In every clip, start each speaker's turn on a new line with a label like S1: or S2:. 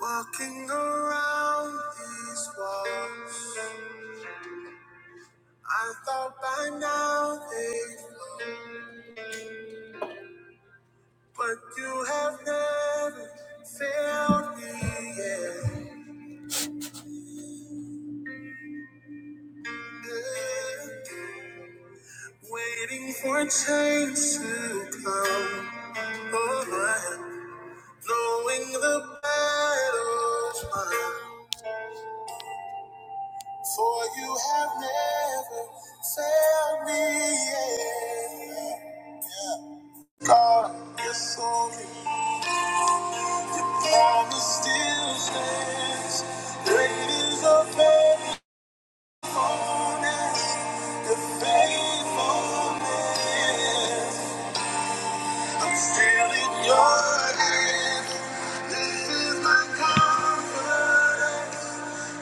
S1: Walking around these walls, I thought by now they, but you have never failed me yet. Waiting for change to come around, knowing the battle's mine, for you have never failed me yet. God, you're so good. your promise still stands. Great is your faithfulness, your faithfulness. I'm still in your hands. This is my confidence.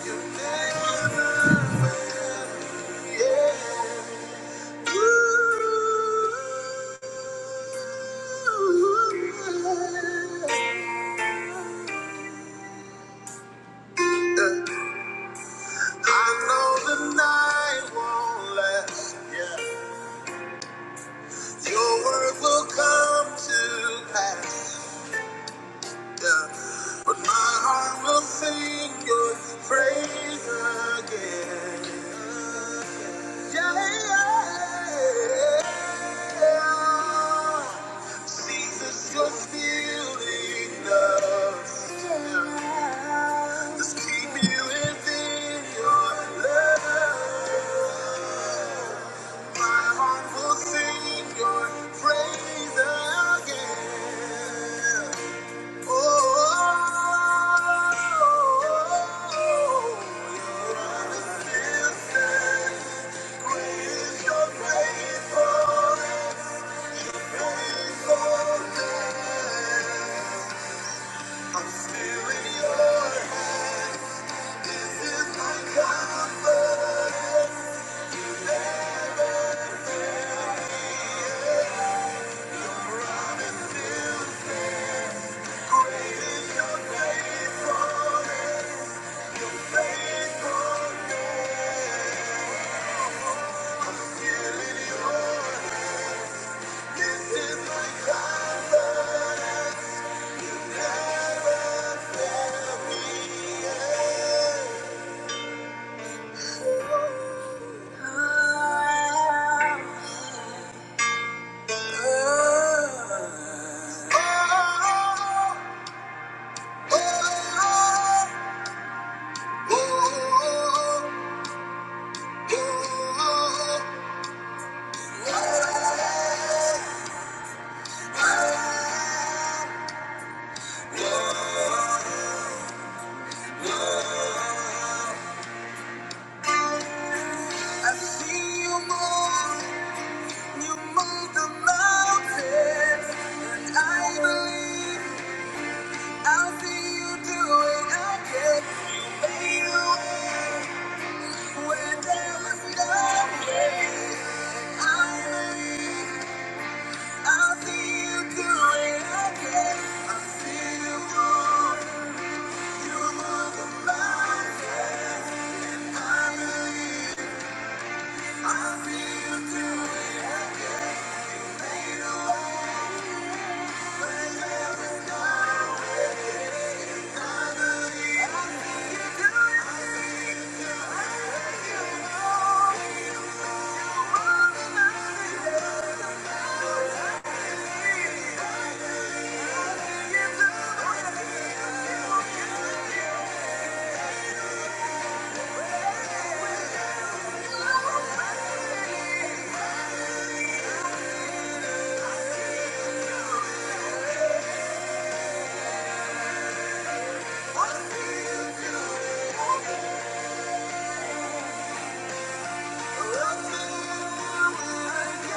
S1: You never forget. You. I know the night won't last. Yeah. Your word will come to pass. Yeah. But my heart will sing your praise again. Yeah. Jesus, you're still enough. Yeah. Just keep me within your love. My heart will sing your praise again. Oh, I'm still in your hands. This is my comfort. I'm still great. faithful, faithful. I see you move, you move the mountains, and I believe. I'll see you do it again. You made a way where there was no way. I believe I'll see you do it again. I see you move, you move the mountain. I believe I'll see you do it. I'll see you again.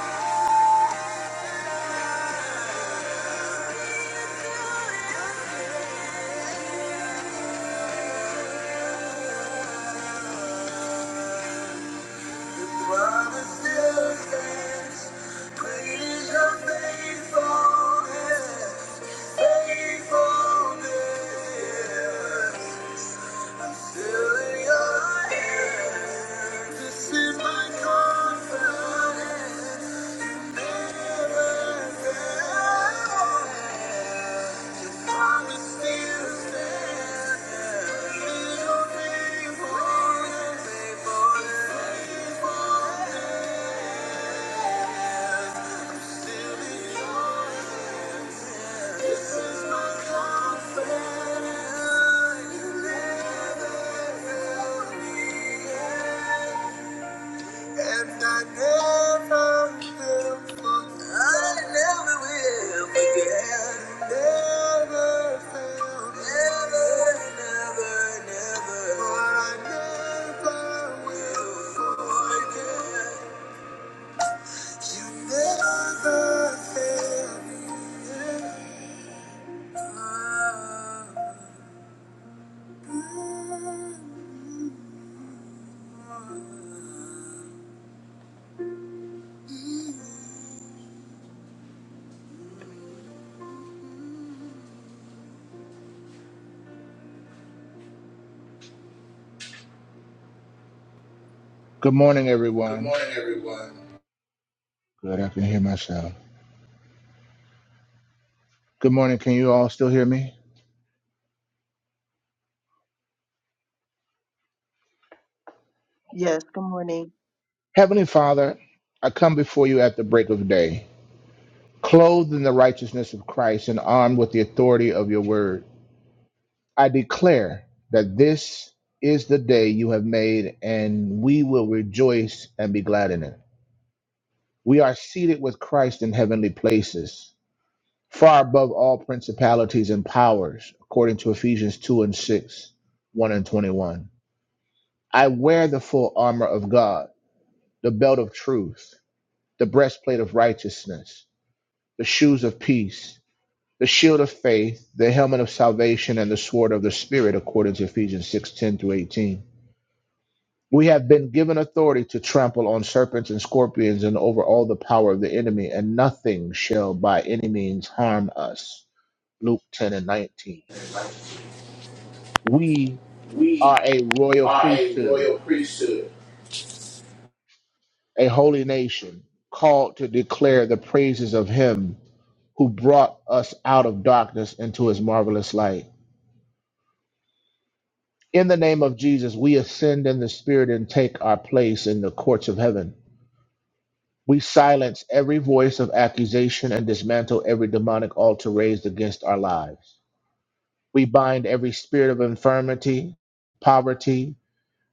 S1: The promise still stands. Great is your faithfulness. Thank you. And I never will forget. I never will forget. Never will. Never, never, never. For I never will forget. You never failed me.
S2: Good morning,
S1: Good
S2: everyone.
S1: morning, everyone.
S2: Good, I can hear myself. Good morning. Can you all still hear me?
S3: Yes, good morning.
S2: Heavenly Father, I come before you at the break of day, clothed in the righteousness of Christ and armed with the authority of your word. I declare that this is the day you have made, and we will rejoice and be glad in it. We are seated with Christ in heavenly places, far above all principalities and powers, according to Ephesians 2 and 6, 1 and 21. I wear the full armor of God, the belt of truth, the breastplate of righteousness, the shoes of peace, the shield of faith, the helmet of salvation, and the sword of the Spirit, according to Ephesians 610 through 18. We have been given authority to trample on serpents and scorpions and over all the power of the enemy, and nothing shall by any means harm us. Luke 10 and 19. We
S1: We
S2: are a royal
S1: are a
S2: priesthood,
S1: royal priesthood
S2: a holy nation, called to declare the praises of Him who brought us out of darkness into his marvelous light. In the name of Jesus, we ascend in the Spirit and take our place in the courts of heaven. We silence every voice of accusation and dismantle every demonic altar raised against our lives. We bind every spirit of infirmity, poverty,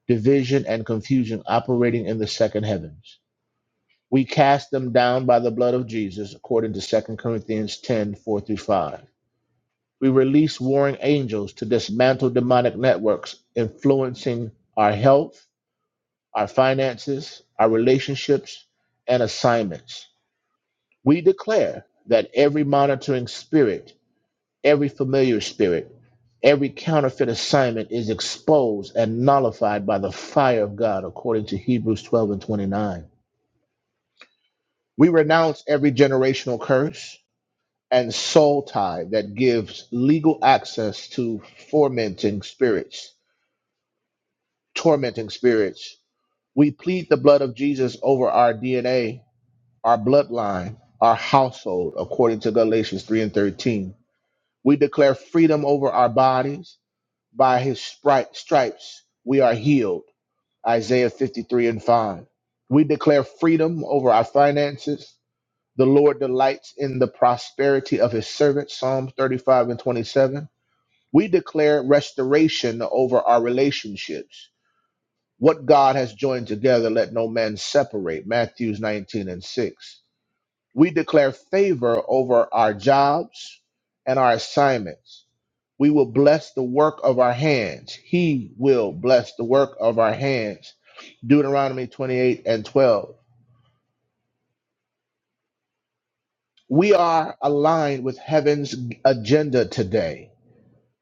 S2: division, and confusion operating in the second heavens. We cast them down by the blood of Jesus, according to Second Corinthians 104 through 5. We release warring angels to dismantle demonic networks influencing our health, our finances, our relationships, and assignments. We declare that every monitoring spirit, every familiar spirit, every counterfeit assignment is exposed and nullified by the fire of God, according to Hebrews 12 and 29. We renounce every generational curse and soul tie that gives legal access to tormenting spirits tormenting spirits. We plead the blood of Jesus over our DNA, our bloodline, our household, according to Galatians 3 and 13. We declare freedom over our bodies. By his stri- stripes, we are healed. Isaiah 53 and 5. We declare freedom over our finances. The Lord delights in the prosperity of his servants. Psalm 35 and 27. We declare restoration over our relationships. What God has joined together, let no man separate. Matthews 19 and 6. We declare favor over our jobs and our assignments. We will bless the work of our hands. He will bless the work of our hands. Deuteronomy 28 and 12. We are aligned with heaven's agenda today.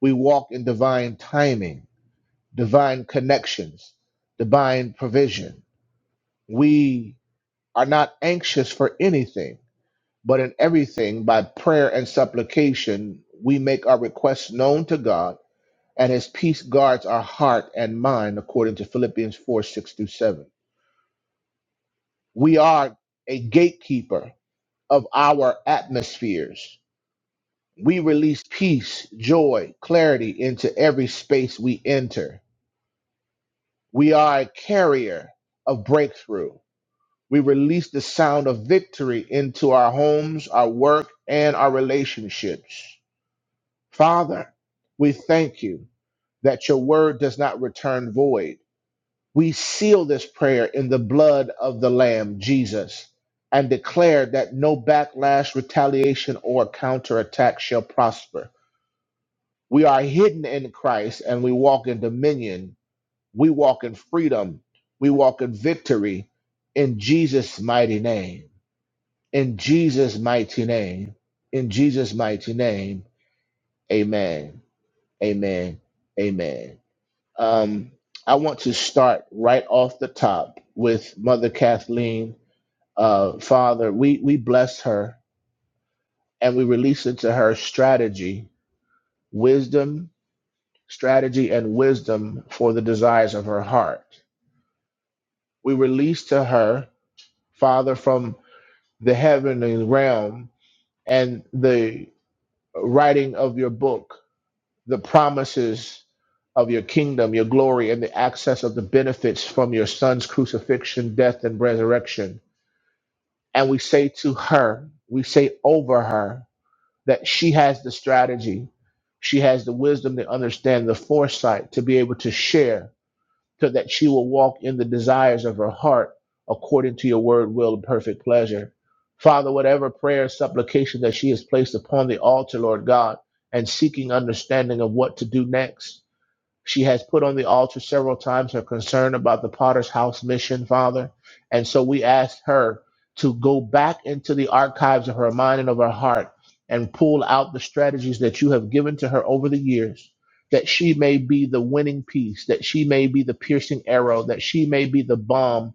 S2: We walk in divine timing, divine connections, divine provision. We are not anxious for anything But in everything, by prayer and supplication, we make our requests known to God, and his peace guards our heart and mind, according to Philippians 4 6 through 7. We are a gatekeeper of our atmospheres. We release peace, joy, clarity into every space we enter. We are a carrier of breakthrough. We release the sound of victory into our homes, our work, and our relationships. Father, we thank you that your word does not return void. We seal this prayer in the blood of the Lamb, Jesus, and declare that no backlash, retaliation, or counterattack shall prosper. We are hidden in Christ and we walk in dominion. We walk in freedom. We walk in victory in Jesus' mighty name. In Jesus' mighty name. In Jesus' mighty name. Amen. Amen. Amen. Um, I want to start right off the top with Mother Kathleen. Uh, Father, we, we bless her and we release into her strategy, wisdom, strategy, and wisdom for the desires of her heart. We release to her, Father, from the heavenly realm and the writing of your book, the promises of your kingdom, your glory, and the access of the benefits from your son's crucifixion, death, and resurrection and we say to her, we say over her that she has the strategy, she has the wisdom to understand the foresight to be able to share so that she will walk in the desires of her heart according to your word, will, and perfect pleasure. Father, whatever prayer, supplication that she has placed upon the altar, Lord God, and seeking understanding of what to do next, she has put on the altar several times her concern about the Potter's House mission, Father. And so we ask her to go back into the archives of her mind and of her heart and pull out the strategies that you have given to her over the years, that she may be the winning piece, that she may be the piercing arrow, that she may be the bomb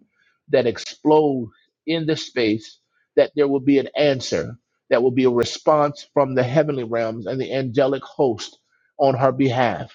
S2: that explodes in this space, that there will be an answer, that will be a response from the heavenly realms and the angelic host on her behalf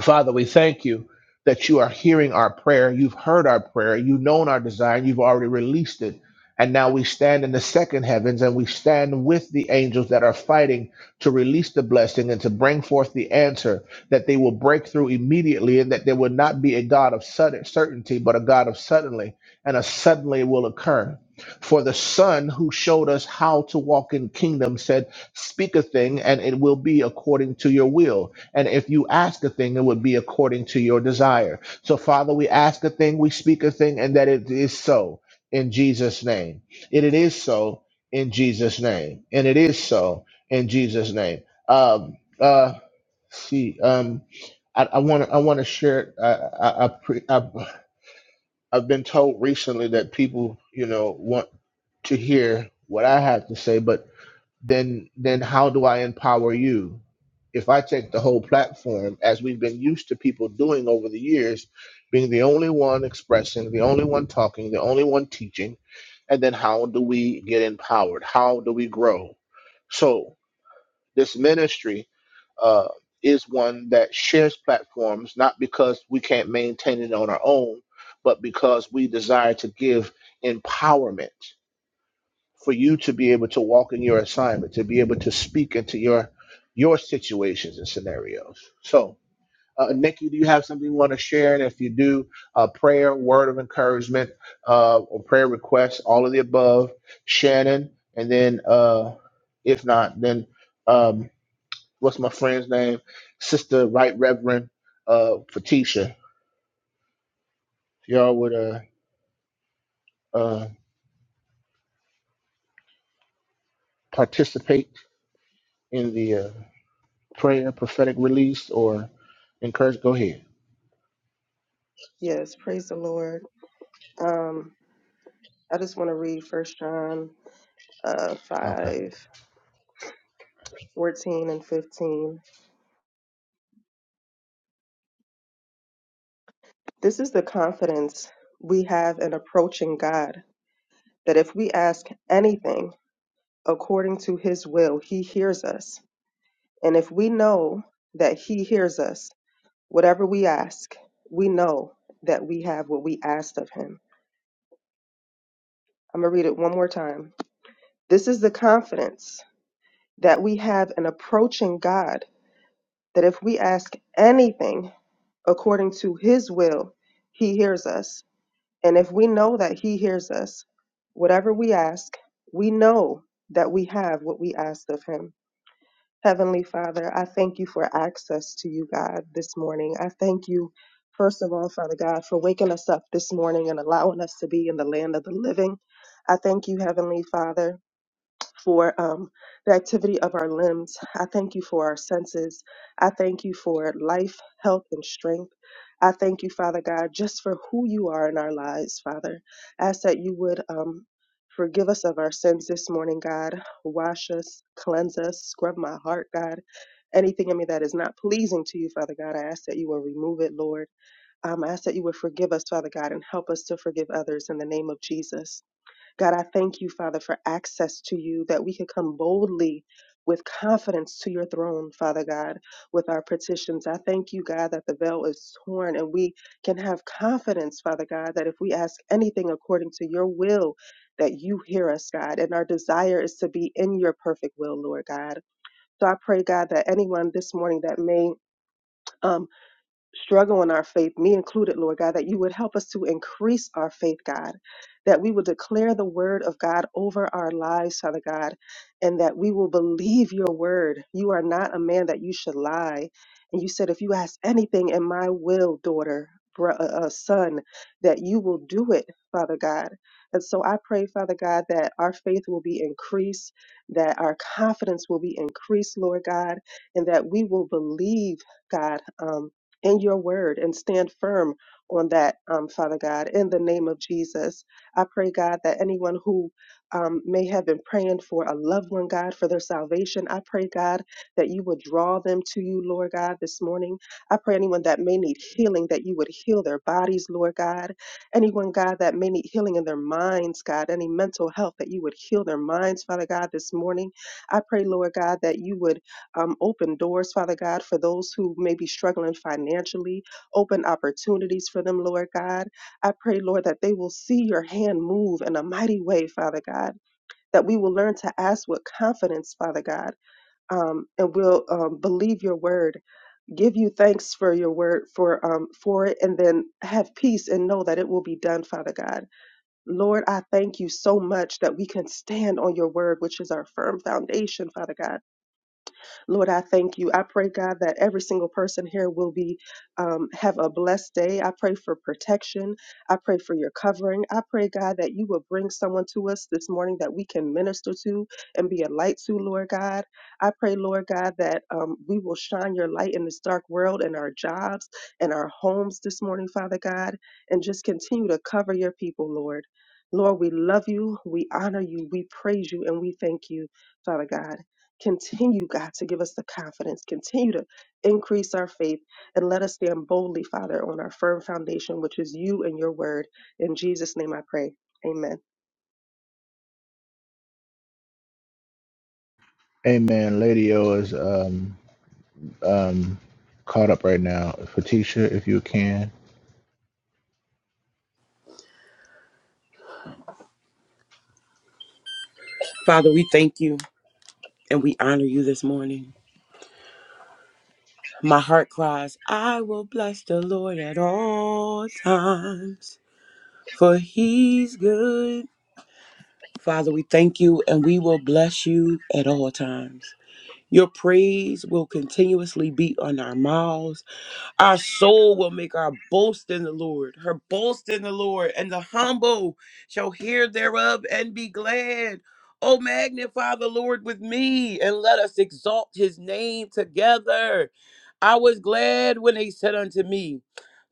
S2: Father, we thank you that you are hearing our prayer. You've heard our prayer. You've known our desire. You've already released it. And now we stand in the second heavens and we stand with the angels that are fighting to release the blessing and to bring forth the answer that they will break through immediately and that there will not be a God of sudden certainty, but a God of suddenly, and a suddenly will occur. For the Son who showed us how to walk in kingdom said, Speak a thing and it will be according to your will and if you ask a thing, it would be according to your desire. So, Father, we ask a thing, we speak a thing, and that it is so in Jesus' name. And it is so in Jesus' name. And it is so in Jesus' name. Um, uh, see, um, I I want to. I want to share. I, I, I pre, i I've been told recently that people, you know, want to hear what I have to say, but then then how do I empower you? If I take the whole platform, as we've been used to people doing over the years, being the only one expressing, the only one talking, the only one teaching, and then how do we get empowered? How do we grow? So this ministry uh, is one that shares platforms, not because we can't maintain it on our own, but because we desire to give empowerment for you to be able to walk in your assignment, to be able to speak into your your situations and scenarios. So, uh, Nikki, do you have something you want to share? And if you do, uh, prayer, word of encouragement, uh, or prayer requests, all of the above. Shannon, and then uh, if not, then um, what's my friend's name? Sister Right Reverend uh, Fatisha. If y'all would uh, uh, participate in the uh, prayer, prophetic release, or encourage? Go ahead.
S3: Yes, praise the Lord. Um, I just want to read First John uh, 5,
S2: Okay.
S3: fourteen and 15. This is the confidence we have in approaching God, that if we ask anything according to his will, he hears us. And if we know that he hears us, whatever we ask, we know that we have what we asked of him. I'm going to read it one more time. This is the confidence that we have in approaching God that if we ask anything according to his will, he hears us. And if we know that he hears us, whatever we ask, we know that we have what we asked of him. Heavenly Father, I thank you for access to you, God, this morning. I thank you, first of all, Father God, for waking us up this morning and allowing us to be in the land of the living. I thank you, Heavenly Father, for um, the activity of our limbs. I thank you for our senses. I thank you for life, health, and strength. I thank you, Father God, just for who you are in our lives, Father. I ask that you would um, forgive us of our sins this morning, God. Wash us, cleanse us, scrub my heart, God. Anything in me that is not pleasing to you, Father God, I ask that you will remove it, Lord. Um, I ask that you would forgive us, Father God, and help us to forgive others in the name of Jesus. God, I thank you, Father, for access to you, that we can come boldly with confidence to your throne, Father God, with our petitions. I thank you, God, that the veil is torn and we can have confidence, Father God, that if we ask anything according to your will, that you hear us, God, and our desire is to be in your perfect will, Lord God. So I pray, God, that anyone this morning that may um, struggle in our faith, me included, Lord God, that you would help us to increase our faith, God, that we will declare the word of God over our lives, Father God, and that we will believe your word. You are not a man that you should lie. And you said, if you ask anything in my will, daughter, bro- uh, uh, son, that you will do it, Father God. And so I pray, Father God, that our faith will be increased, that our confidence will be increased, Lord God, and that we will believe, God. Um, in your word and stand firm on that, um, Father God, in the name of Jesus. I pray, God, that anyone who um, may have been praying for a loved one, God, for their salvation, I pray, God, that you would draw them to you, Lord God, this morning. I pray anyone that may need healing, that you would heal their bodies, Lord God. Anyone, God, that may need healing in their minds, God, any mental health, that you would heal their minds, Father God, this morning. I pray, Lord God, that you would um, open doors, Father God, for those who may be struggling financially, open opportunities for them, Lord God. I pray, Lord, that they will see your hand move in a mighty way, Father God, that we will learn to ask with confidence, Father God, um, and will um, believe your word, give you thanks for your word, for, um, for it, and then have peace and know that it will be done, Father God. Lord, I thank you so much that we can stand on your word, which is our firm foundation, Father God Lord, I thank you. I pray, God, that every single person here will be um, have a blessed day. I pray for protection. I pray for your covering. I pray, God, that you will bring someone to us this morning that we can minister to and be a light to, Lord God. I pray, Lord God, that um, we will shine your light in this dark world in our jobs and our homes this morning, Father God, and just continue to cover your people, Lord. Lord, we love you, we honor you, we praise you, and we thank you, Father God. Continue, God, to give us the confidence. Continue to increase our faith and let us stand boldly, Father, on our firm foundation, which is you and your word. In Jesus' name I pray. Amen.
S2: Amen. Lady O is um um caught up right now. Fatisha, if you can.
S4: Father, we thank you and we honor you this morning. My heart cries, I will bless the Lord at all times, for he's good. Father, we thank you and we will bless you at all times. Your praise will continuously be on our mouths Our soul will make our boast in the Lord, her boast in the Lord, and the humble shall hear thereof and be glad. Oh, magnify the Lord with me, and let us exalt his name together. I was glad when they said unto me,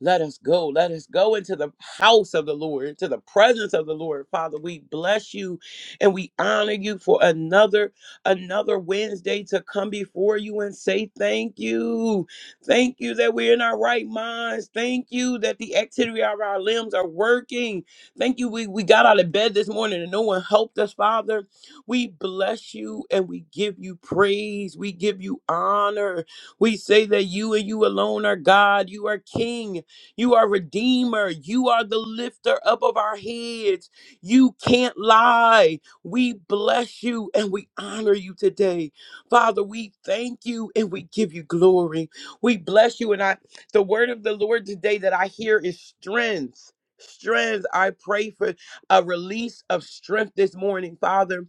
S4: Let us go, let us go into the house of the Lord, into the presence of the Lord. Father, we bless you and we honor you for another another Wednesday to come before you and say thank you. Thank you that we're in our right minds. Thank you that the activity of our limbs are working. Thank you. We, we got out of bed this morning and no one helped us, Father. We bless you and we give you praise. We give you honor. We say that you and you alone are God. You are King. You are Redeemer. You are the lifter up of our heads. You can't lie. We bless you and we honor you today. Father, we thank you and we give you glory. We bless you. And I the word of the Lord today that I hear is strength. Strength. I pray for a release of strength this morning, Father.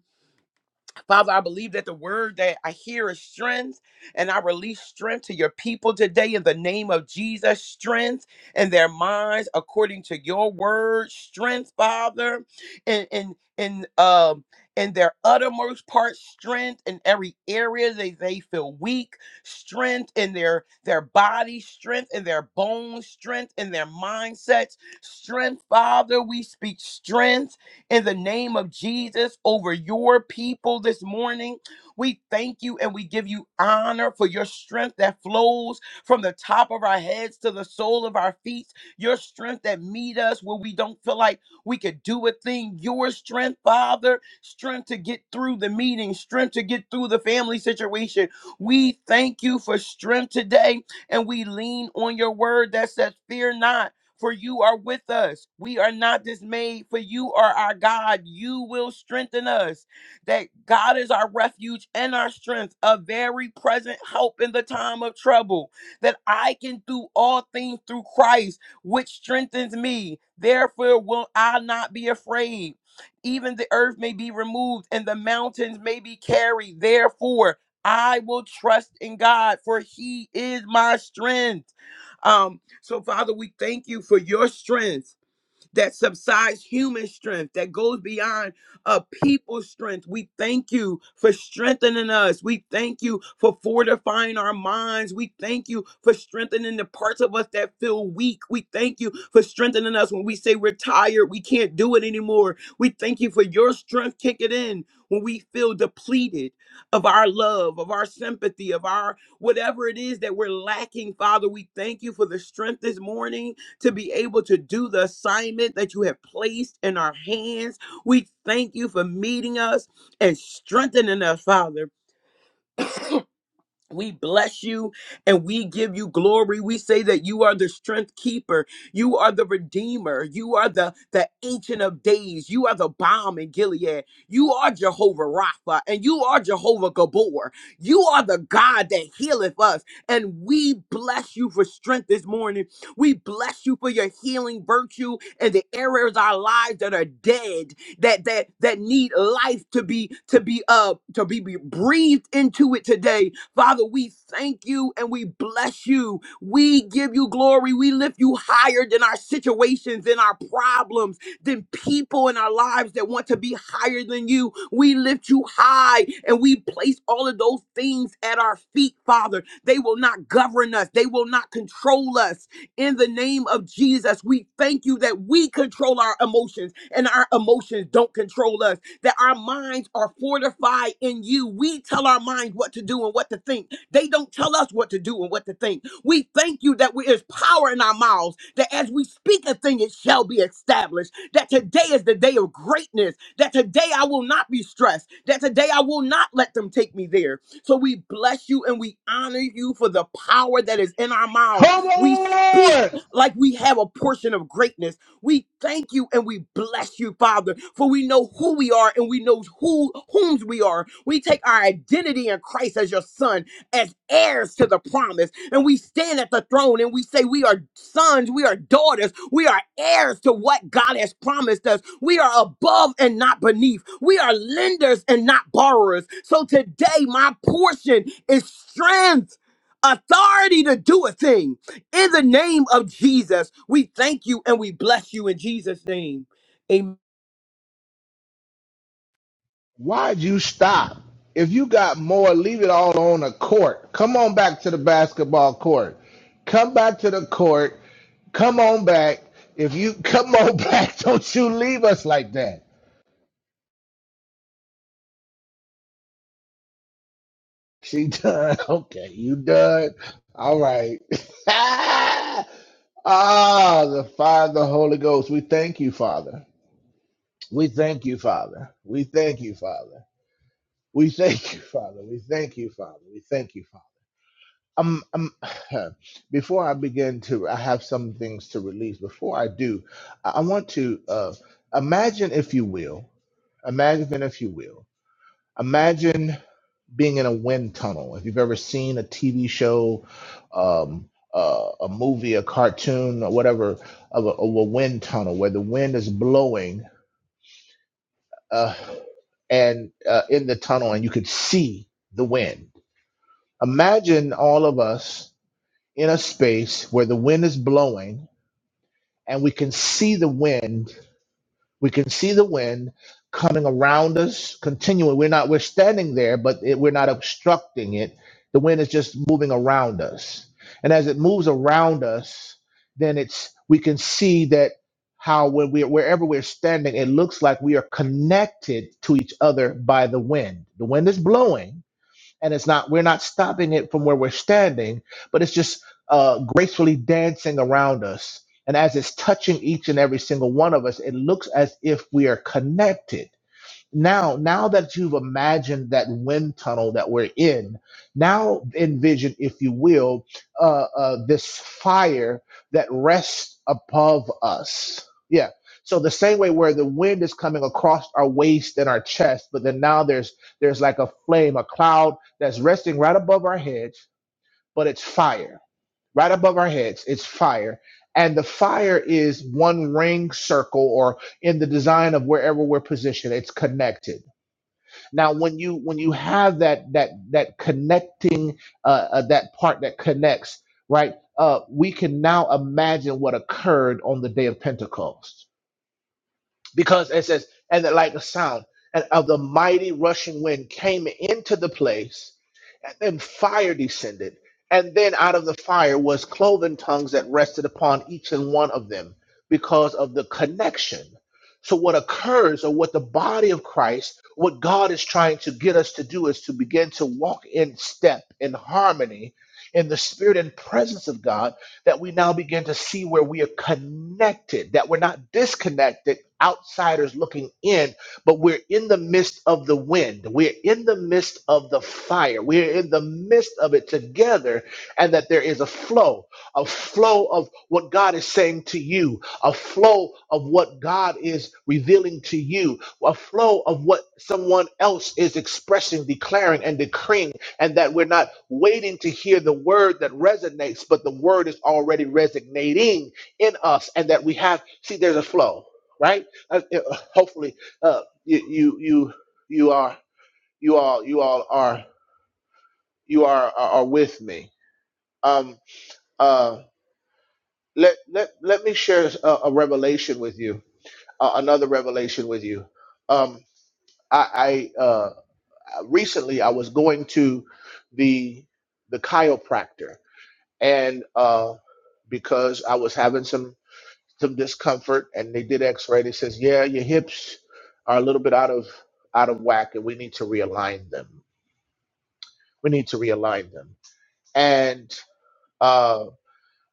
S4: Father, I believe that the word that I hear is strength, and I release strength to your people today in the name of Jesus. Strength in their minds, according to your word. Strength, Father, in in in um in their uttermost part. Strength in every area they they feel weak. Strength in their their body. Strength in their bones. Strength in their mindsets. Strength, Father, we speak strength in the name of Jesus over your people this morning. We thank you and we give you honor for your strength that flows from the top of our heads to the sole of our feet, your strength that meet us where we don't feel like we could do a thing, your strength, Father, strength to get through the meeting, strength to get through the family situation. We thank you for strength today and we lean on your word that says, Fear not for you are with us. We are not dismayed, for you are our God. You will strengthen us. That God is our refuge and our strength, a very present help in the time of trouble. That I can do all things through Christ, which strengthens me. Therefore, will I not be afraid. Even the earth may be removed and the mountains may be carried. Therefore, I will trust in God, for He is my strength. Um, so, Father, we thank you for your strength that subsides human strength, that goes beyond a people's strength. We thank you for strengthening us. We thank you for fortifying our minds. We thank you for strengthening the parts of us that feel weak. We thank you for strengthening us when we say we're tired, we can't do it anymore. We thank you for your strength kicking in when we feel depleted of our love, of our sympathy, of our whatever it is that we're lacking, Father. We thank you for the strength this morning to be able to do the assignment that you have placed in our hands. We thank you for meeting us and strengthening us, Father. We bless you and we give you glory. We say that you are the strength keeper. You are the redeemer. You are the, the ancient of days. You are the bomb in Gilead. You are Jehovah Rapha and you are Jehovah Gabor. You are the God that healeth us. And we bless you for strength this morning. We bless you for your healing virtue and the areas of our lives that are dead, that that that need life to be to be uh to be be breathed into it today. Father, we thank you and we bless you. We give you glory. We lift you higher than our situations and our problems, than people in our lives that want to be higher than you. We lift you high and we place all of those things at our feet, Father. They will not govern us, they will not control us. In the name of Jesus, we thank you that we control our emotions and our emotions don't control us that our minds are fortified in you. We tell our minds what to do and what to think. They don't tell us what to do and what to think. We thank you that we, there's power in our mouths, that as we speak a thing, it shall be established. That today is the day of greatness. That today I will not be stressed. That today I will not let them take me there. So we bless you and we honor you for the power that is in our mouths.
S2: Come
S4: We speak
S2: on!
S4: like we have a portion of greatness we thank you and we bless you, Father, for we know who we are and we know who whom we are. We take our identity in Christ as your son, as heirs to the promise, and we stand at the throne and we say we are sons, we are daughters, we are heirs to what God has promised us. We are above and not beneath. We are lenders and not borrowers. So today my portion is strength, authority to do a thing. In the name of Jesus, we thank you and we bless you in Jesus' name. Amen.
S2: Why'd you stop? If you got more, leave it all on the court. Come on back to the basketball court. Come back to the court. Come on back. If you come on back, don't you leave us like that. She done. Okay, you done. All right. ah, the fire of the Holy Ghost. We thank you, Father. We thank you, Father. We thank you, Father. We thank you, Father. We thank you, Father. We thank you, Father. Um, um, before I begin to, I have some things to release. Before I do, I I want to uh, imagine, if you will, imagine, if you will, imagine. being in a wind tunnel. If you've ever seen a TV show, um, uh, a movie, a cartoon, or whatever, of a, of a wind tunnel where the wind is blowing uh, and uh, in the tunnel, and you could see the wind. Imagine all of us in a space where the wind is blowing and we can see the wind We can see the wind coming around us, continuing. We're not we're standing there, but it, we're not obstructing it. The wind is just moving around us, and as it moves around us, then it's we can see that how when we wherever we're standing, it looks like we are connected to each other by the wind. The wind is blowing, and it's not we're not stopping it from where we're standing but it's just uh, gracefully dancing around us and as it's touching each and every single one of us it looks as if we are connected now now that you've imagined that wind tunnel that we're in now envision if you will uh, uh this fire that rests above us yeah so the same way where the wind is coming across our waist and our chest but then now there's there's like a flame a cloud that's resting right above our heads but it's fire right above our heads it's fire and the fire is one ring circle or in the design of wherever we're positioned it's connected now, when you when you have that that that connecting uh, uh, that part that connects, right? Uh, we can now imagine what occurred on the day of Pentecost, because it says, "And that like a sound and of the mighty rushing wind came into the place." Then fire descended, and then out of the fire was cloven tongues that rested upon each and one of them because of the connection. So, what occurs, or what the body of Christ, what God is trying to get us to do, is to begin to walk in step, in harmony, in the spirit and presence of God, that we now begin to see where we are connected, that we're not disconnected, outsiders looking in, but we're in the midst of the wind. We're in the midst of the fire. We're in the midst of it together, and that there is a flow, a flow of what God is saying to you, a flow of what God is revealing to you, a flow of what someone else is expressing, declaring, and decreeing, and that we're not waiting to hear the word that resonates, but the word is already resonating in us, and that we have, see, there's a flow. Right? Uh, uh, Hopefully, uh, you you you you are you all you all are you are are, are with me um uh let let let me share a, a revelation with you uh, another revelation with you um i i uh recently i was going to the the chiropractor and uh because i was having some some discomfort and they did x-ray they says yeah your hips are a little bit out of out of whack and we need to realign them we need to realign them and uh,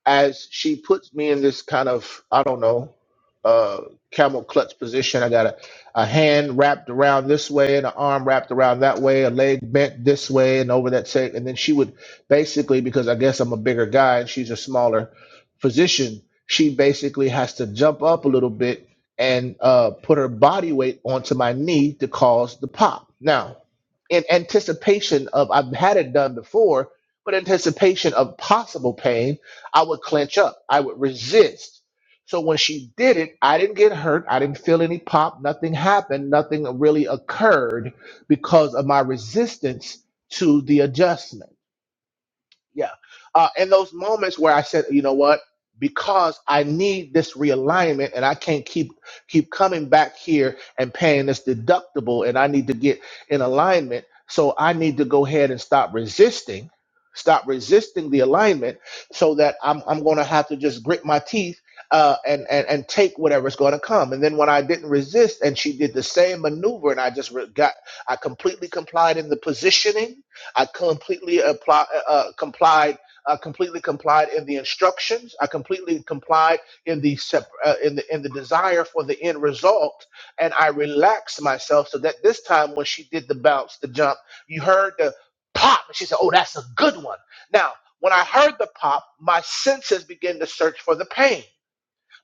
S2: as she puts me in this kind of I don't know uh camel clutch position. I got a, a hand wrapped around this way and an arm wrapped around that way, a leg bent this way and over that side. And then she would basically, because I guess I'm a bigger guy and she's a smaller physician, she basically has to jump up a little bit and uh, put her body weight onto my knee to cause the pop. Now, in anticipation of I've had it done before, but anticipation of possible pain, I would clench up, I would resist. So when she did it, I didn't get hurt. I didn't feel any pop. Nothing happened. Nothing really occurred because of my resistance to the adjustment yeah uh in those moments where i said you know what because i need this realignment and i can't keep keep coming back here and paying this deductible and i need to get in alignment so i need to go ahead and stop resisting stop resisting the alignment so that i'm, I'm going to have to just grit my teeth uh, and, and and take whatever's going to come and then when i didn't resist and she did the same maneuver and i just re- got i completely complied in the positioning I completely apply, uh, uh, complied. I completely complied in the instructions. I completely complied in the sep- uh, in the in the desire for the end result, and I relaxed myself so that this time when she did the bounce, the jump, you heard the pop, and she said, "Oh, that's a good one." Now, when I heard the pop, my senses began to search for the pain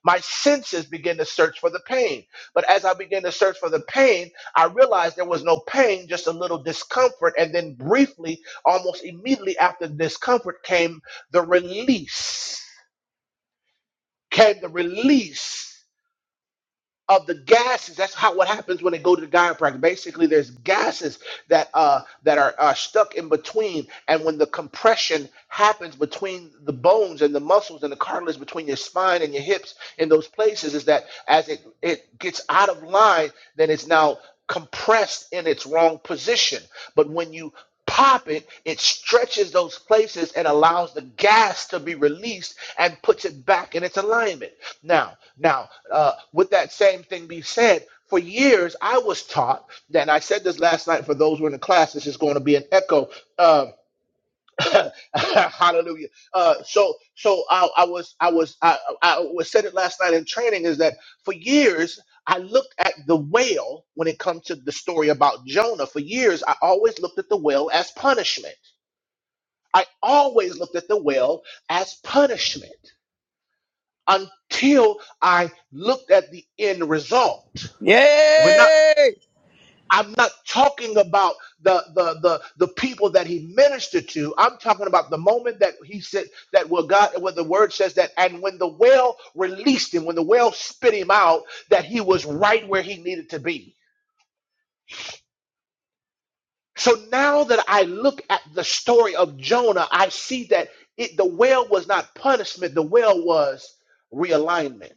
S2: my senses begin to search for the pain. But as I began to search for the pain, I realized there was no pain, just a little discomfort. And then, briefly, almost immediately after the discomfort, came the release. Came the release of the gases. That's how what happens when they go to the chiropractor. Basically, there's gases that uh, that are, are stuck in between, and when the compression happens between the bones and the muscles and the cartilage between your spine and your hips in those places is that as it, it gets out of line, then it's now compressed in its wrong position. But when you pop it, it stretches those places and allows the gas to be released and puts it back in its alignment. Now, now, uh, with that same thing be said, for years I was taught, and I said this last night for those who are in the class, this is going to be an echo. uh, Hallelujah. Uh, so, so I, I was, I was, I, I was said it last night in training is that for years I looked at the whale when it comes to the story about Jonah. For years I always looked at the whale as punishment. I always looked at the whale as punishment until I looked at the end result. We're not.
S4: Yay!
S2: I'm not talking about the, the the the people that he ministered to. I'm talking about the moment that he said that where God where the word says that and when the whale released him, when the whale spit him out, that he was right where he needed to be. So now that I look at the story of Jonah, I see that it the whale was not punishment, the whale was realignment.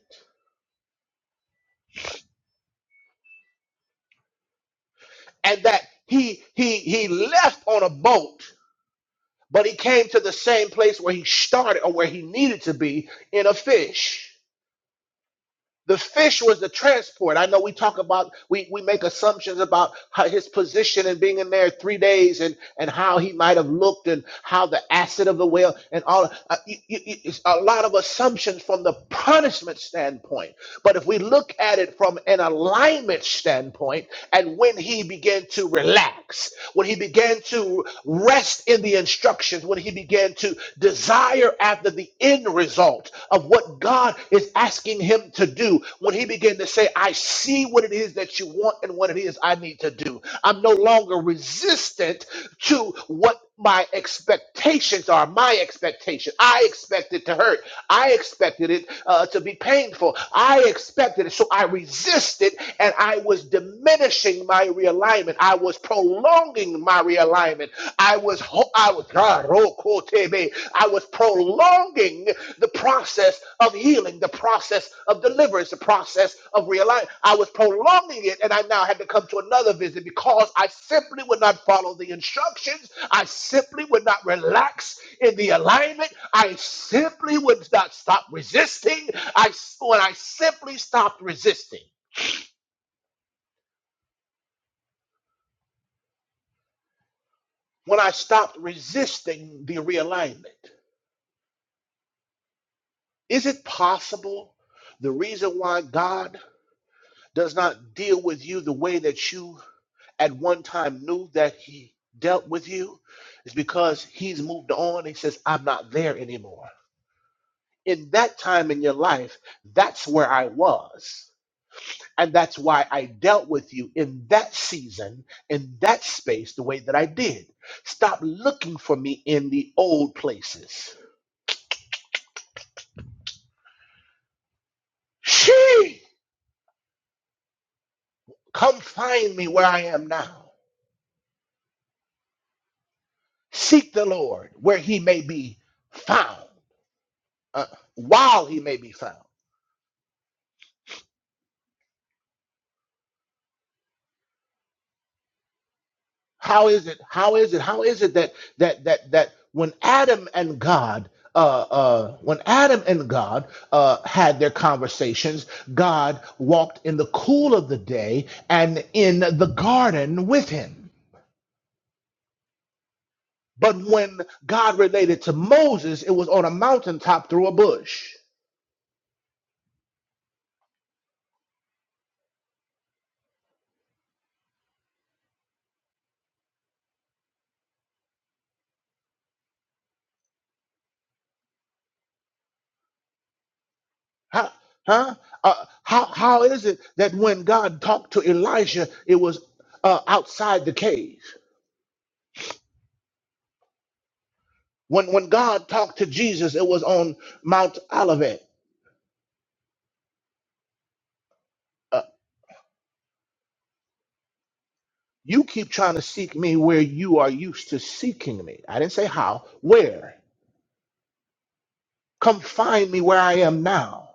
S2: And that he he he left on a boat but he came to the same place where he started or where he needed to be in a fish. The fish was the transport. I know we talk about we, we make assumptions about how his position and being in there three days and and how he might have looked and how the acid of the whale and all uh, you, you, you- it's a lot of assumptions from the punishment standpoint. But if we look at it from an alignment standpoint, and when he began to relax, when he began to rest in the instructions, when he began to desire after the end result of what God is asking him to do, when he began to say, I see what it is that you want and what it is I need to do, I'm no longer resistant to what my expectations are my expectation. I expect it to hurt. I expected it uh, to be painful. I expected it. So I resisted and I was diminishing my realignment. I was prolonging my realignment. I was, ho- I was, God, oh, Ah, rokotebe. I was prolonging the process of healing, the process of deliverance, the process of realignment. I was prolonging it, and I now had to come to another visit because I simply would not follow the instructions I simply would not relax in the alignment. I simply would not stop resisting. I when I simply stopped resisting, when I stopped resisting the realignment, is it possible the reason why God does not deal with you the way that you at one time knew that He dealt with you is because He's moved on. He says, "I'm not there anymore." In that time in your life, that's where I was. And that's why I dealt with you in that season, in that space, the way that I did. Stop looking for me in the old places. She, come find me where I am now. Seek the Lord where he may be found, uh, while he may be found. How is it? How is it? How is it that that that that when Adam and God uh, uh, when Adam and God uh, had their conversations, God walked in the cool of the day and in the garden with him. But when God related to Moses, it was on a mountaintop through a bush. Huh? Huh? Uh, how, how is it that when God talked to Elijah, it was uh, outside the cave? When when God talked to Jesus, it was on Mount Olivet. Uh, you keep trying to seek me where you are used to seeking me. I didn't say how. Where? Come find me where I am now.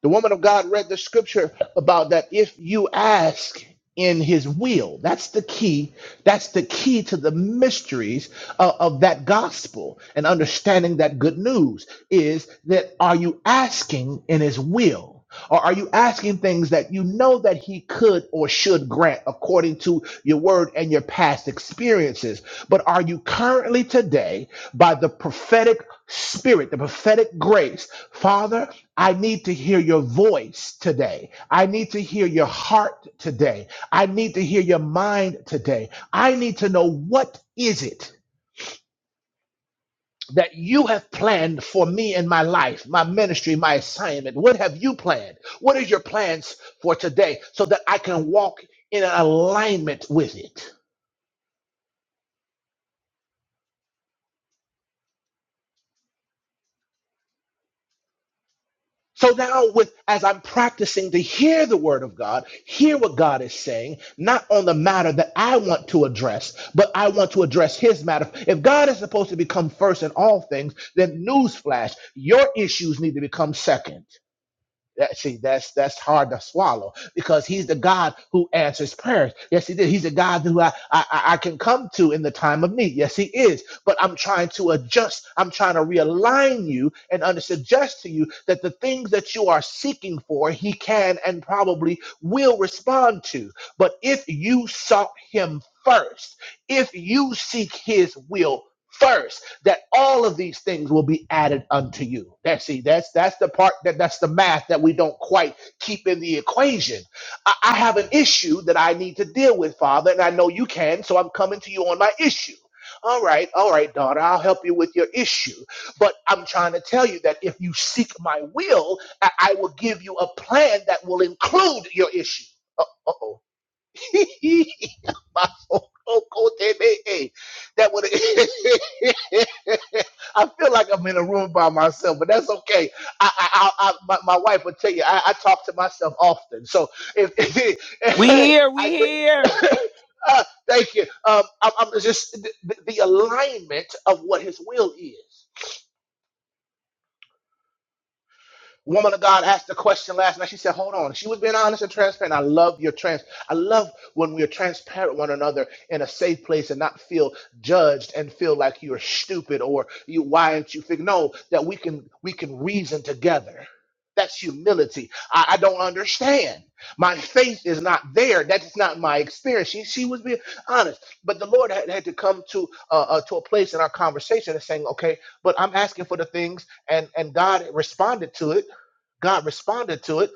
S2: The woman of God read the scripture about that if you ask in his will, that's the key. That's the key to the mysteries of, of that gospel and understanding that good news is that are you asking in his will? Or are you asking things that you know that he could or should grant according to your word and your past experiences? But are you currently today by the prophetic spirit, the prophetic grace, Father? I need to hear your voice today. I need to hear your heart today. I need to hear your mind today. I need to know what is it that you have planned for me in my life, my ministry, my assignment. What have you planned? What is your plans for today so that I can walk in alignment with it? So now, with as I'm practicing to hear the word of God, hear what God is saying, not on the matter that I want to address, but I want to address His matter. If God is supposed to become first in all things, then newsflash, your issues need to become second. That, see, that's that's hard to swallow because he's the God who answers prayers. Yes, he did. He's a God who I, I I I can come to in the time of need. Yes, he is. But I'm trying to adjust. I'm trying to realign you and under suggest to you that the things that you are seeking for, he can and probably will respond to. But if you sought him first, if you seek his will first that all of these things will be added unto you. That's see, that's that's the part that that's the math that we don't quite keep in the equation. I, I have an issue that I need to deal with, Father, and I know you can, so I'm coming to you on my issue. All right, all right, daughter, I'll help you with your issue. But I'm trying to tell you that if you seek my will, I, I will give you a plan that will include your issue. Uh oh. Masokotebe. that would I feel like I'm in a room by myself, but that's okay. I, I, I, I my, my wife would tell you I, I talk to myself often. So if,
S4: We
S2: hey,
S4: here, we
S2: I
S4: here.
S2: just, uh, thank you. Um, I'm, I'm just the, the alignment of what His will is. Woman of God asked the question last night. She said, "Hold on." She was being honest and transparent. I love your trans. I love when we are transparent with one another in a safe place and not feel judged and feel like you're stupid or you. Why aren't you fig? No, that we can we can reason together. That's humility. I, I don't understand. My faith is not there. That's not my experience. She, she was being honest, but the Lord had, had to come to uh, uh, to a place in our conversation and saying, "Okay, but I'm asking for the things," and and God responded to it God responded to it.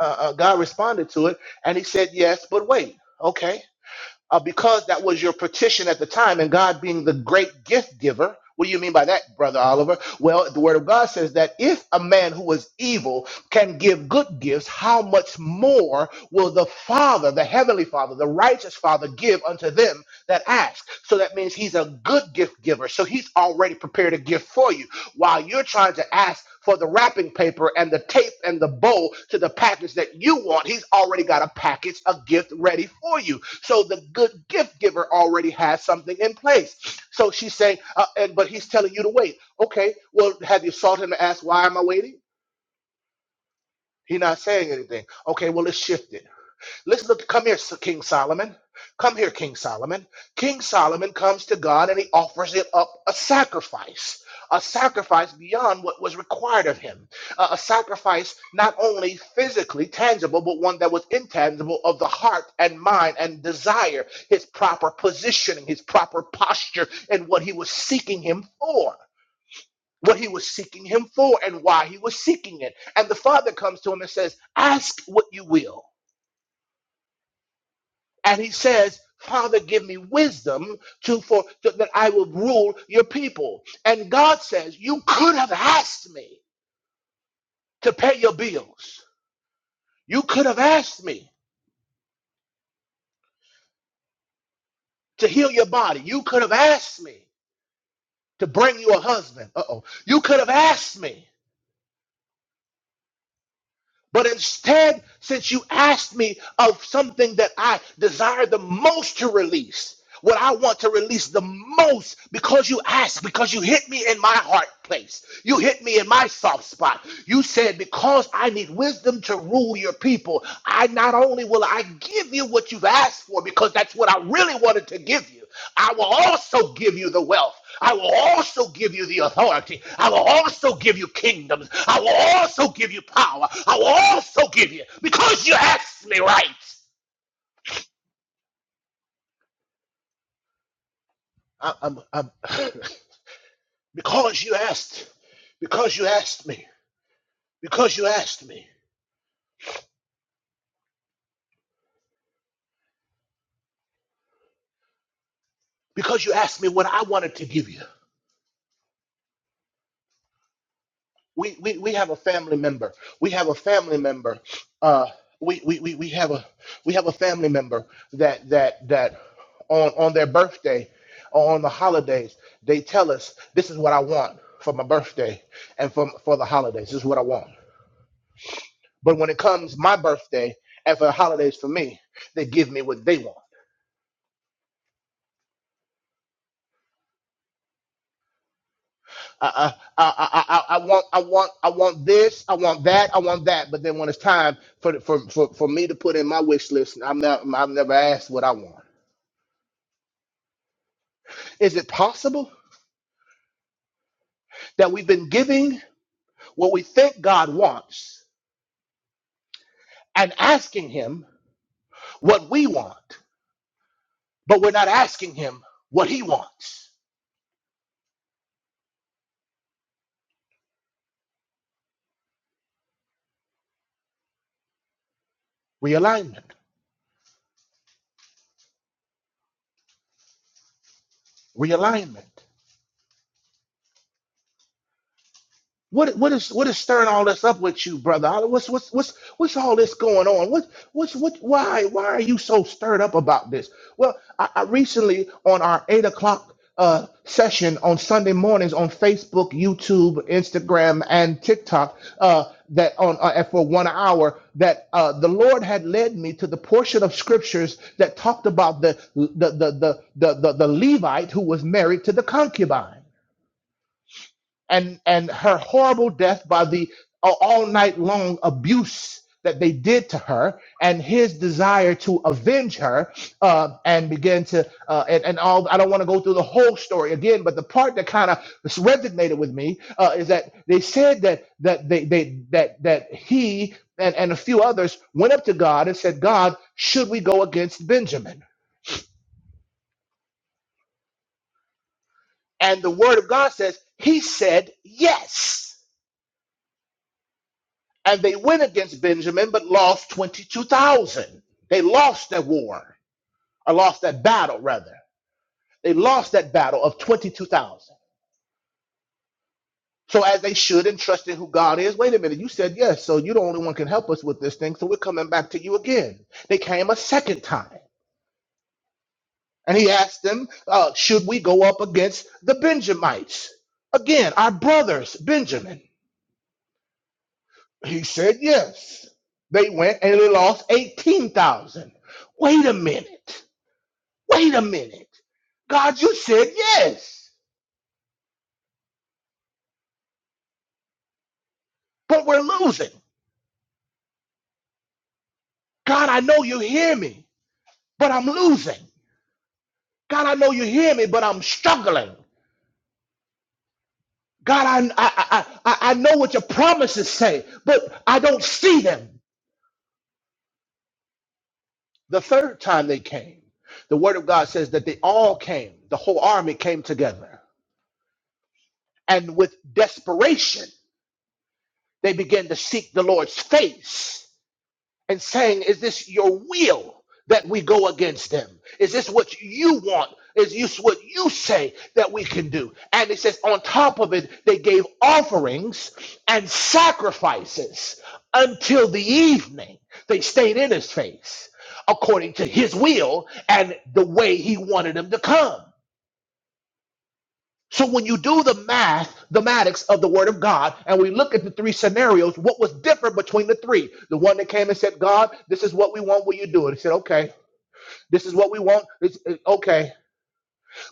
S2: Uh, uh, God responded to it, and He said, "Yes, but wait, okay, uh, because that was your petition at the time, and God being the great gift giver." What do you mean by that, Brother Oliver? Well, the Word of God says that if a man who was evil can give good gifts, how much more will the Father, the Heavenly Father, the righteous Father, give unto them that ask? So that means He's a good gift giver. So He's already prepared a gift for you while you're trying to ask for the wrapping paper and the tape and the bowl to the package that you want, he's already got a package, a gift ready for you. So the good gift giver already has something in place. So she's saying, uh, and but he's telling you to wait. Okay, well, have you sought him to ask why am I waiting? He's not saying anything. Okay, well, let's shift it. Listen, look, come here, King Solomon. Come here, King Solomon. King Solomon comes to God and he offers him up a sacrifice, a sacrifice beyond what was required of him, a a sacrifice not only physically tangible, but one that was intangible of the heart and mind and desire, his proper positioning, his proper posture, and what he was seeking him for. What he was seeking him for and why he was seeking it. And the father comes to him and says, Ask what you will. And he says, Father, give me wisdom to for to- that I will rule your people. And God says, You could have asked me to pay your bills. You could have asked me to heal your body. You could have asked me to bring you a husband. Uh-oh. You could have asked me But instead, since you asked me of something that I desire the most to release, what I want to release the most because you asked, because you hit me in my heart place. You hit me in my soft spot. You said, because I need wisdom to rule your people, I not only will I give you what you've asked for, because that's what I really wanted to give you. I will also give you the wealth. I will also give you the authority. I will also give you kingdoms. I will also give you power. I will also give you because you asked me right. I, I'm, I'm, because you asked, because you asked me, because you asked me, because you asked me what I wanted to give you. we, we we have a family member. We have a family member. Uh, we, we, we, we have a we have a family member that that that on on their birthday or on the holidays they tell us this is what I want for my birthday and for for the holidays. This is what I want. But when it comes my birthday and for the holidays for me, they give me what they want. I, I, I, I, I want, I want, I want this, I want that, I want that. But then when it's time for for for, for me to put in my wish list, I'm not, I've never asked what I want. Is it possible that we've been giving what we think God wants and asking Him what we want, but we're not asking Him what He wants? Realignment, realignment. What what is what is stirring all this up with you, brother? What's what's what's what's all this going on? What what's what why why are you so stirred up about this? Well, I, I recently on our eight o'clock uh session on Sunday mornings on Facebook, YouTube, Instagram, and TikTok, uh that on uh, and for one hour that uh the Lord had led me to the portion of scriptures that talked about the the the the the, the, the Levite who was married to the concubine and and her horrible death by the uh, all night long abuse that they did to her and his desire to avenge her uh, and begin to uh, and, and all i don't want to go through the whole story again but the part that kind of resonated with me uh, is that they said that that they, they that that he and, and a few others went up to god and said god should we go against benjamin and the word of god says he said yes And they went against Benjamin, but lost 22,000. They lost that war, or lost that battle, rather. They lost that battle of 22,000. So, as they should, and trust in who God is, wait a minute, you said yes, so you're the only one can help us with this thing, so we're coming back to you again. They came a second time. And he asked them, uh, should we go up against the Benjamites? Again, our brothers, Benjamin. He said yes. They went and they lost 18,000. Wait a minute. Wait a minute. God, you said yes, but we're losing. God, I know you hear me, but I'm losing. God, I know you hear me, but I'm struggling. God, I, I, I, I I know what your promises say, but I don't see them. The third time they came, the word of God says that they all came, the whole army came together. And with desperation, they began to seek the Lord's face. and saying, Is this your will that we go against them? Is this what you want? Is this what you say that we can do? And it says, On top of it, they gave offerings and sacrifices until the evening. They stayed in his face according to his will and the way he wanted them to come. So when you do the math, the matics of the word of God, and we look at the three scenarios, what was different between the three? The one that came and said, God, this is what we want, will you do it? He said, okay. This is what we want. It's, it- okay.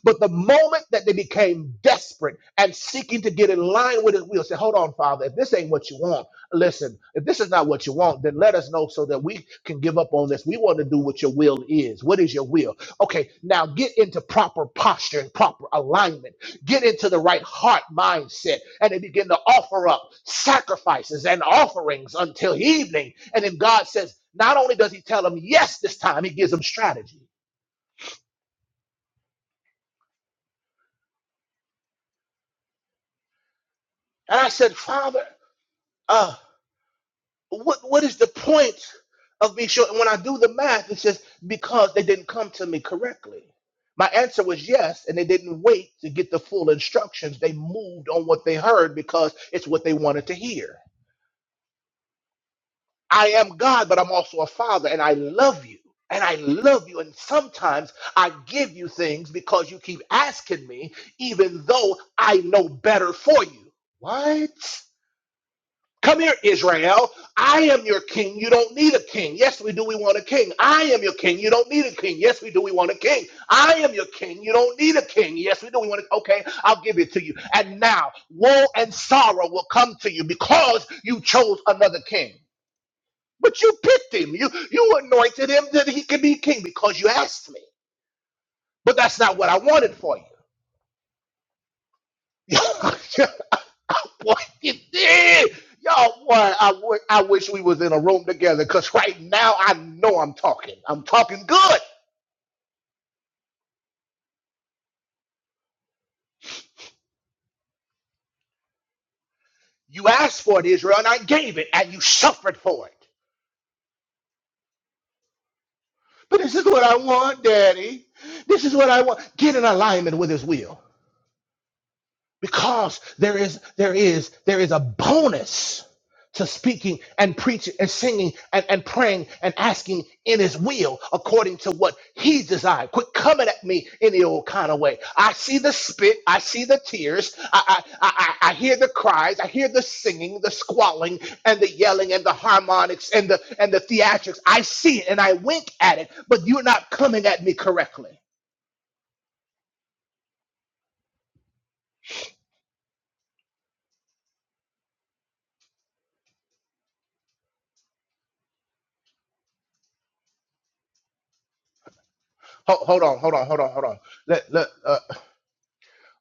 S2: But the moment that they became desperate and seeking to get in line with his will, say, Hold on, Father, if this ain't what you want, listen, if this is not what you want, then let us know so that we can give up on this. We want to do what your will is. What is your will? Okay, now get into proper posture and proper alignment. Get into the right heart mindset. And they begin to offer up sacrifices and offerings until evening. And then God says, Not only does he tell them yes this time, he gives them strategy. And I said, Father, uh." What what is the point of me sure? And when I do the math, it says because they didn't come to me correctly. My answer was yes, and they didn't wait to get the full instructions. They moved on what they heard because it's what they wanted to hear. I am God, but I'm also a father, and I love you. And I love you. And sometimes I give you things because you keep asking me, even though I know better for you. What? Come here, Israel. I am your king. You don't need a king. Yes, we do. We want a king. I am your king. You don't need a king. Yes, we do. We want a king. I am your king. You don't need a king. Yes, we do. We want a Okay, I'll give it to you. And now woe and sorrow will come to you because you chose another king. But you picked him. You you anointed him that he could be king because you asked me. But that's not what I wanted for you. boy, you did. Y'all, boy, I wi- I wish we was in a room together because right now I know I'm talking. I'm talking good. You asked for it, Israel, and I gave it, and you suffered for it. But this is what I want, Daddy. This is what I want. Get in alignment with His will. because there is there is there is a bonus to speaking and preaching and singing and, and praying and asking in his will according to what he desired quit coming at me any old kind of way i see the spit i see the tears i i i, I I hear the cries i hear the singing the squalling and the yelling and the harmonics and the and the theatrics i see it and i wink at it but you're not coming at me correctly Ho- hold on hold on hold on hold on let, let, uh,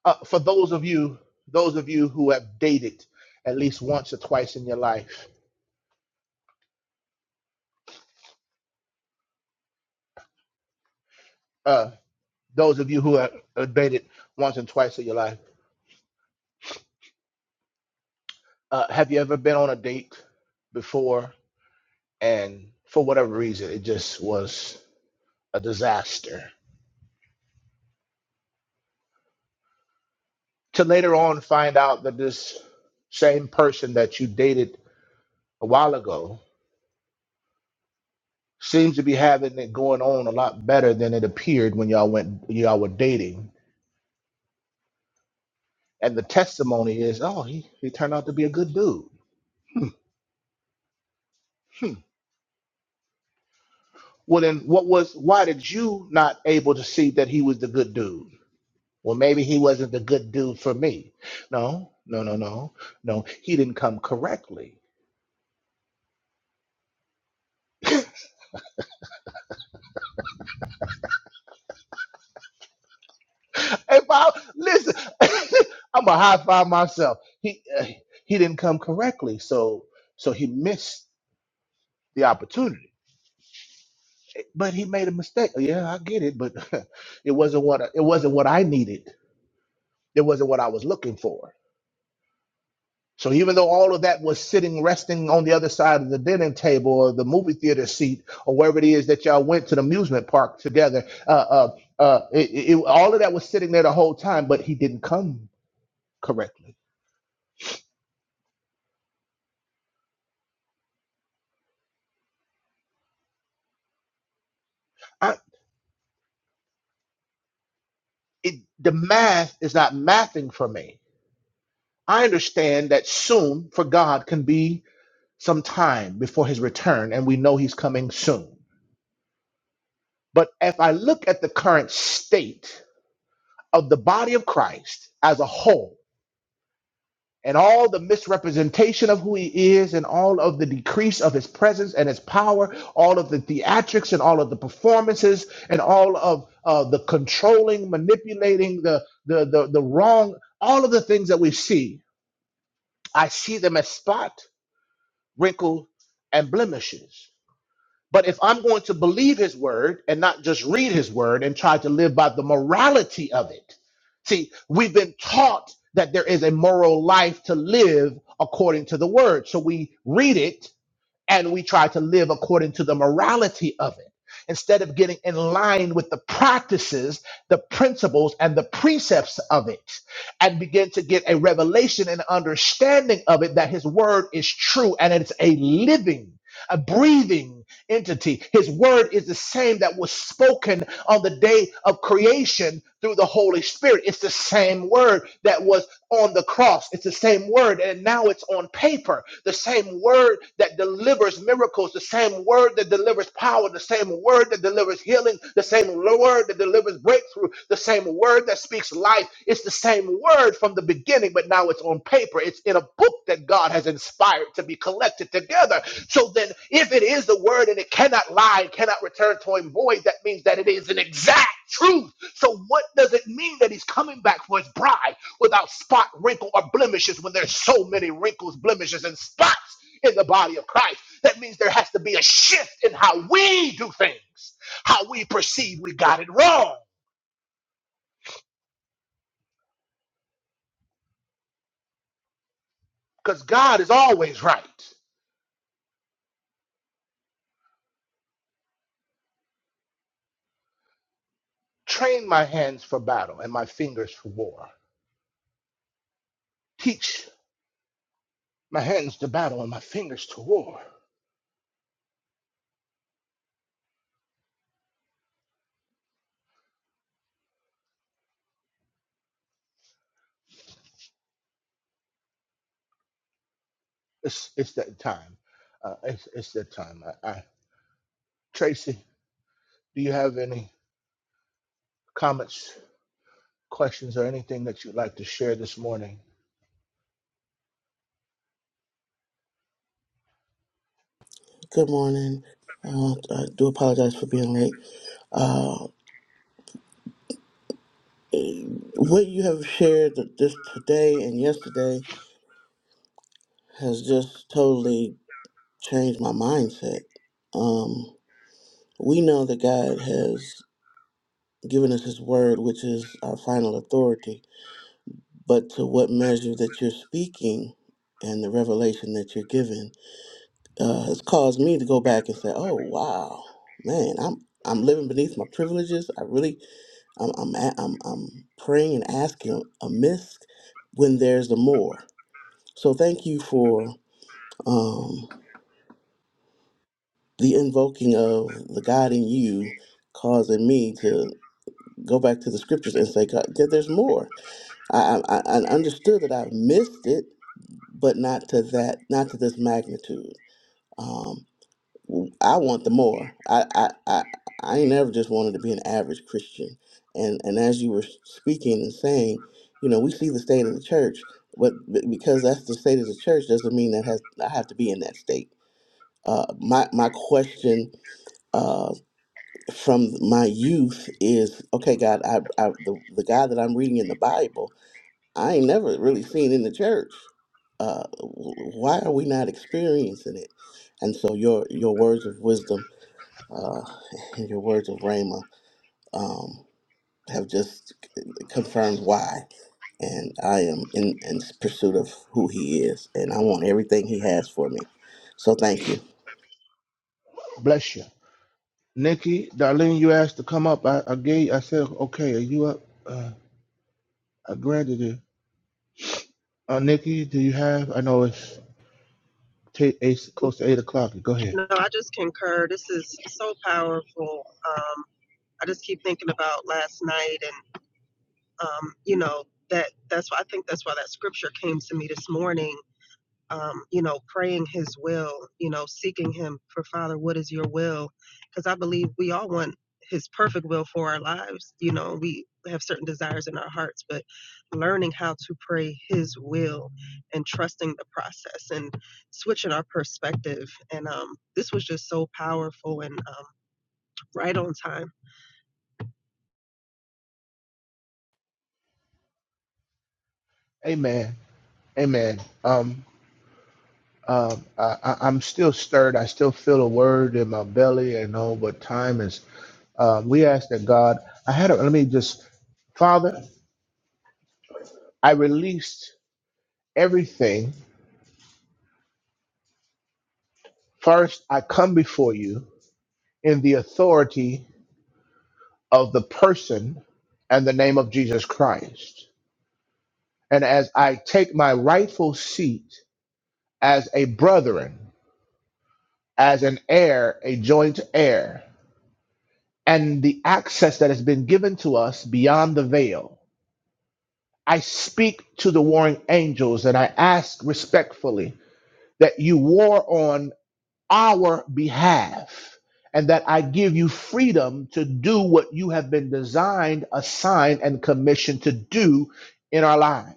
S2: uh, for those of you those of you who have dated at least once or twice in your life uh, those of you who have uh, dated once and twice in your life uh, have you ever been on a date before and for whatever reason it just was a disaster to later on find out that this same person that you dated a while ago seems to be having it going on a lot better than it appeared when y'all went y'all were dating and the testimony is, oh, he, he turned out to be a good dude. Hmm. Well, then, what was? Why did you not able to see that he was the good dude? Well, maybe he wasn't the good dude for me. No, no, no, no, no. He didn't come correctly. Hey, Bob, listen, I'm a high five myself. He uh, he didn't come correctly, so so he missed the opportunity. But he made a mistake. Yeah, I get it, but it wasn't what I- it wasn't what I needed. It wasn't what I was looking for So even though all of that was sitting, resting on the other side of the dining table or the movie theater seat or wherever it is that y'all went to the amusement park together, uh, uh, uh, it, it, all of that was sitting there the whole time, but he didn't come correctly. I, it, the math is not mathing for me. I understand that soon for God can be some time before his return, and we know he's coming soon. But if I look at the current state of the body of Christ as a whole, and all the misrepresentation of who he is and all of the decrease of his presence and his power, all of the theatrics and all of the performances and all of uh, the controlling, manipulating, the, the, the, the wrong, all of the things that we see, I see them as spot, wrinkle, and blemishes. But if I'm going to believe his word and not just read his word and try to live by the morality of it, see, we've been taught that there is a moral life to live according to the word. So we read it and we try to live according to the morality of it instead of getting in line with the practices, the principles, and the precepts of it and begin to get a revelation and understanding of it that his word is true and it's a living, a breathing, entity. His word is the same that was spoken on the day of creation through the Holy Spirit. It's the same word that was on the cross. It's the same word, and now it's on paper. The same word that delivers miracles, the same word that delivers power, the same word that delivers delivers healing, the same word that delivers breakthrough, the same word that speaks life. It's the same word from the beginning, but now it's on paper. It's in a book that God has inspired to be collected together. So then, if it is the word and it cannot lie, it cannot return to him void, that means that it is an exact truth. So, what does it mean that he's coming back for his bride without spot, wrinkle, or blemishes when there's so many wrinkles, blemishes, and spots in the body of Christ? That means there has to be a shift in how we do things. How we perceive we got it wrong. Because God is always right. Train my hands for battle and my fingers for war. Teach my hands to battle and my fingers to war. It's, it's that time. Uh, it's, it's that time. I, I, Tracy, do you have any comments, questions, or anything that you'd like to share this morning?
S5: Good morning. Uh, I do apologize for being late. Uh, what you have shared this today and yesterday has just totally changed my mindset. Um, we know that God has given us His Word, which is our final authority, but to what measure that you're speaking and the revelation that you're giving uh, has caused me to go back and say, "Oh, wow, man, I'm." I'm living beneath my privileges. I really I'm I'm a- I'm, I'm praying and asking amiss when there's a more. So thank you for um, the invoking of the God in you, causing me to go back to the scriptures and say, God, there- there's more. I, I I I understood that I've missed it, but not to that, not to this magnitude. Um, I want the more. I, I, I, I ain't never just wanted to be an average Christian. And and as you were speaking and saying, you know, we see the state of the church, but b- because that's the state of the church doesn't mean that has I have to be in that state. Uh, my my question uh, from my youth is, okay, God, I, I the the God that I'm reading in the Bible, I ain't never really seen in the church. Uh, w- why are we not experiencing it? And so your your words of wisdom uh, and your words of Rhema um, have just c- confirmed why. And I am in, in pursuit of who he is, and I want everything he has for me. So thank you.
S2: Bless you. Nikki, Darlene, you asked to come up. I, I gave. I said, okay, are you up? Uh, I granted it. Uh, Nikki, do you have? I know it's. t- eight, close to eight o'clock. Go ahead.
S3: No, I just concur. This is so powerful. Um, I just keep thinking about last night, and um, you know that that's why I think that's why that scripture came to me this morning um, you know, praying His will, you know, seeking Him for Father, what is Your will? Because I believe we all want His perfect will for our lives. You know, we have certain desires in our hearts, but learning how to pray His will and trusting the process and switching our perspective. And um, this was just so powerful and um, right on time
S2: Amen. Amen. Um, um, I, I, I'm still stirred. I still feel a word in my belly and all, but time is. Um, we ask that God. I had. A, let me just. Father, I released everything. First, I come before you in the authority of the person and the name of Jesus Christ. And as I take my rightful seat as a brethren, as an heir, a joint heir. and the access that has been given to us beyond the veil. I speak to the warring angels and I ask respectfully that you war on our behalf and that I give you freedom to do what you have been designed, assigned, and commissioned to do in our lives.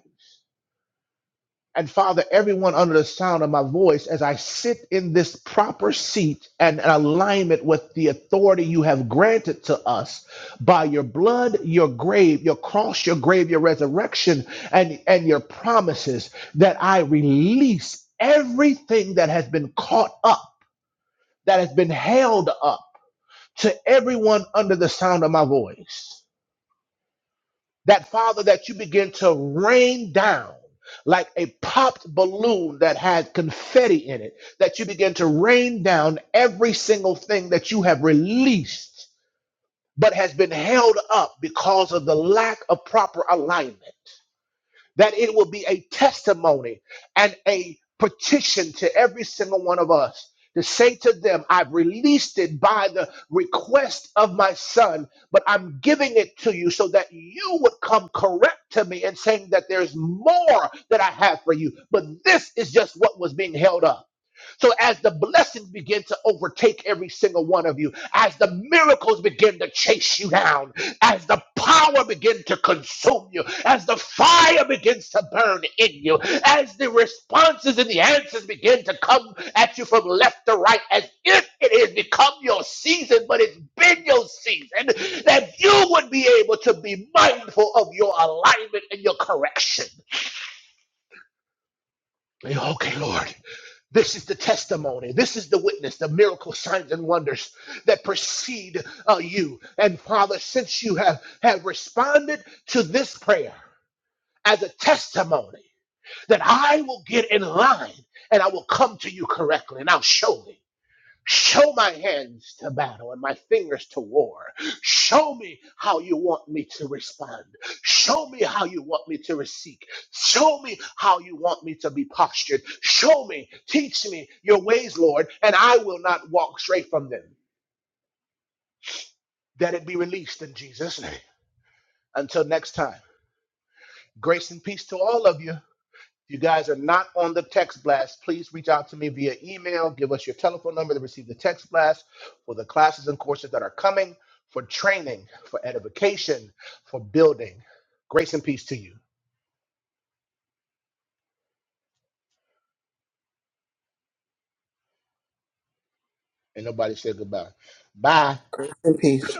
S2: And Father, everyone under the sound of my voice, as I sit in this proper seat and in alignment with the authority you have granted to us by your blood, your grave, your cross, your grave, your resurrection, and, and your promises, that I release everything that has been caught up, that has been held up to everyone under the sound of my voice that father that you begin to rain down like a popped balloon that had confetti in it that you begin to rain down every single thing that you have released but has been held up because of the lack of proper alignment that it will be a testimony and a petition to every single one of us to say to them, I've released it by the request of my son, but I'm giving it to you so that you would come correct to me and saying that there's more that I have for you. But this is just what was being held up. So as the blessings begin to overtake every single one of you, as the miracles begin to chase you down, as the power begin to consume you, as the fire begins to burn in you, as the responses and the answers begin to come at you from left to right, as if it has become your season, but it's been your season, that you would be able to be mindful of your alignment and your correction. Okay, Lord. This is the testimony. This is the witness, the miracle signs and wonders that precede uh, you. And Father, since you have, have responded to this prayer as a testimony, that I will get in line and I will come to you correctly and I'll show thee. Show my hands to battle and my fingers to war. Show me how you want me to respond. Show me how you want me to receive. Show me how you want me to be postured. Show me, teach me your ways, Lord, and I will not walk straight from them. That it be released in Jesus' name. Until next time, grace and peace to all of you. If you guys are not on the text blast, please reach out to me via email. Give us your telephone number to receive the text blast for the classes and courses that are coming, for training, for edification, for building. Grace and peace to you. And nobody said goodbye. Bye.
S5: Grace and peace.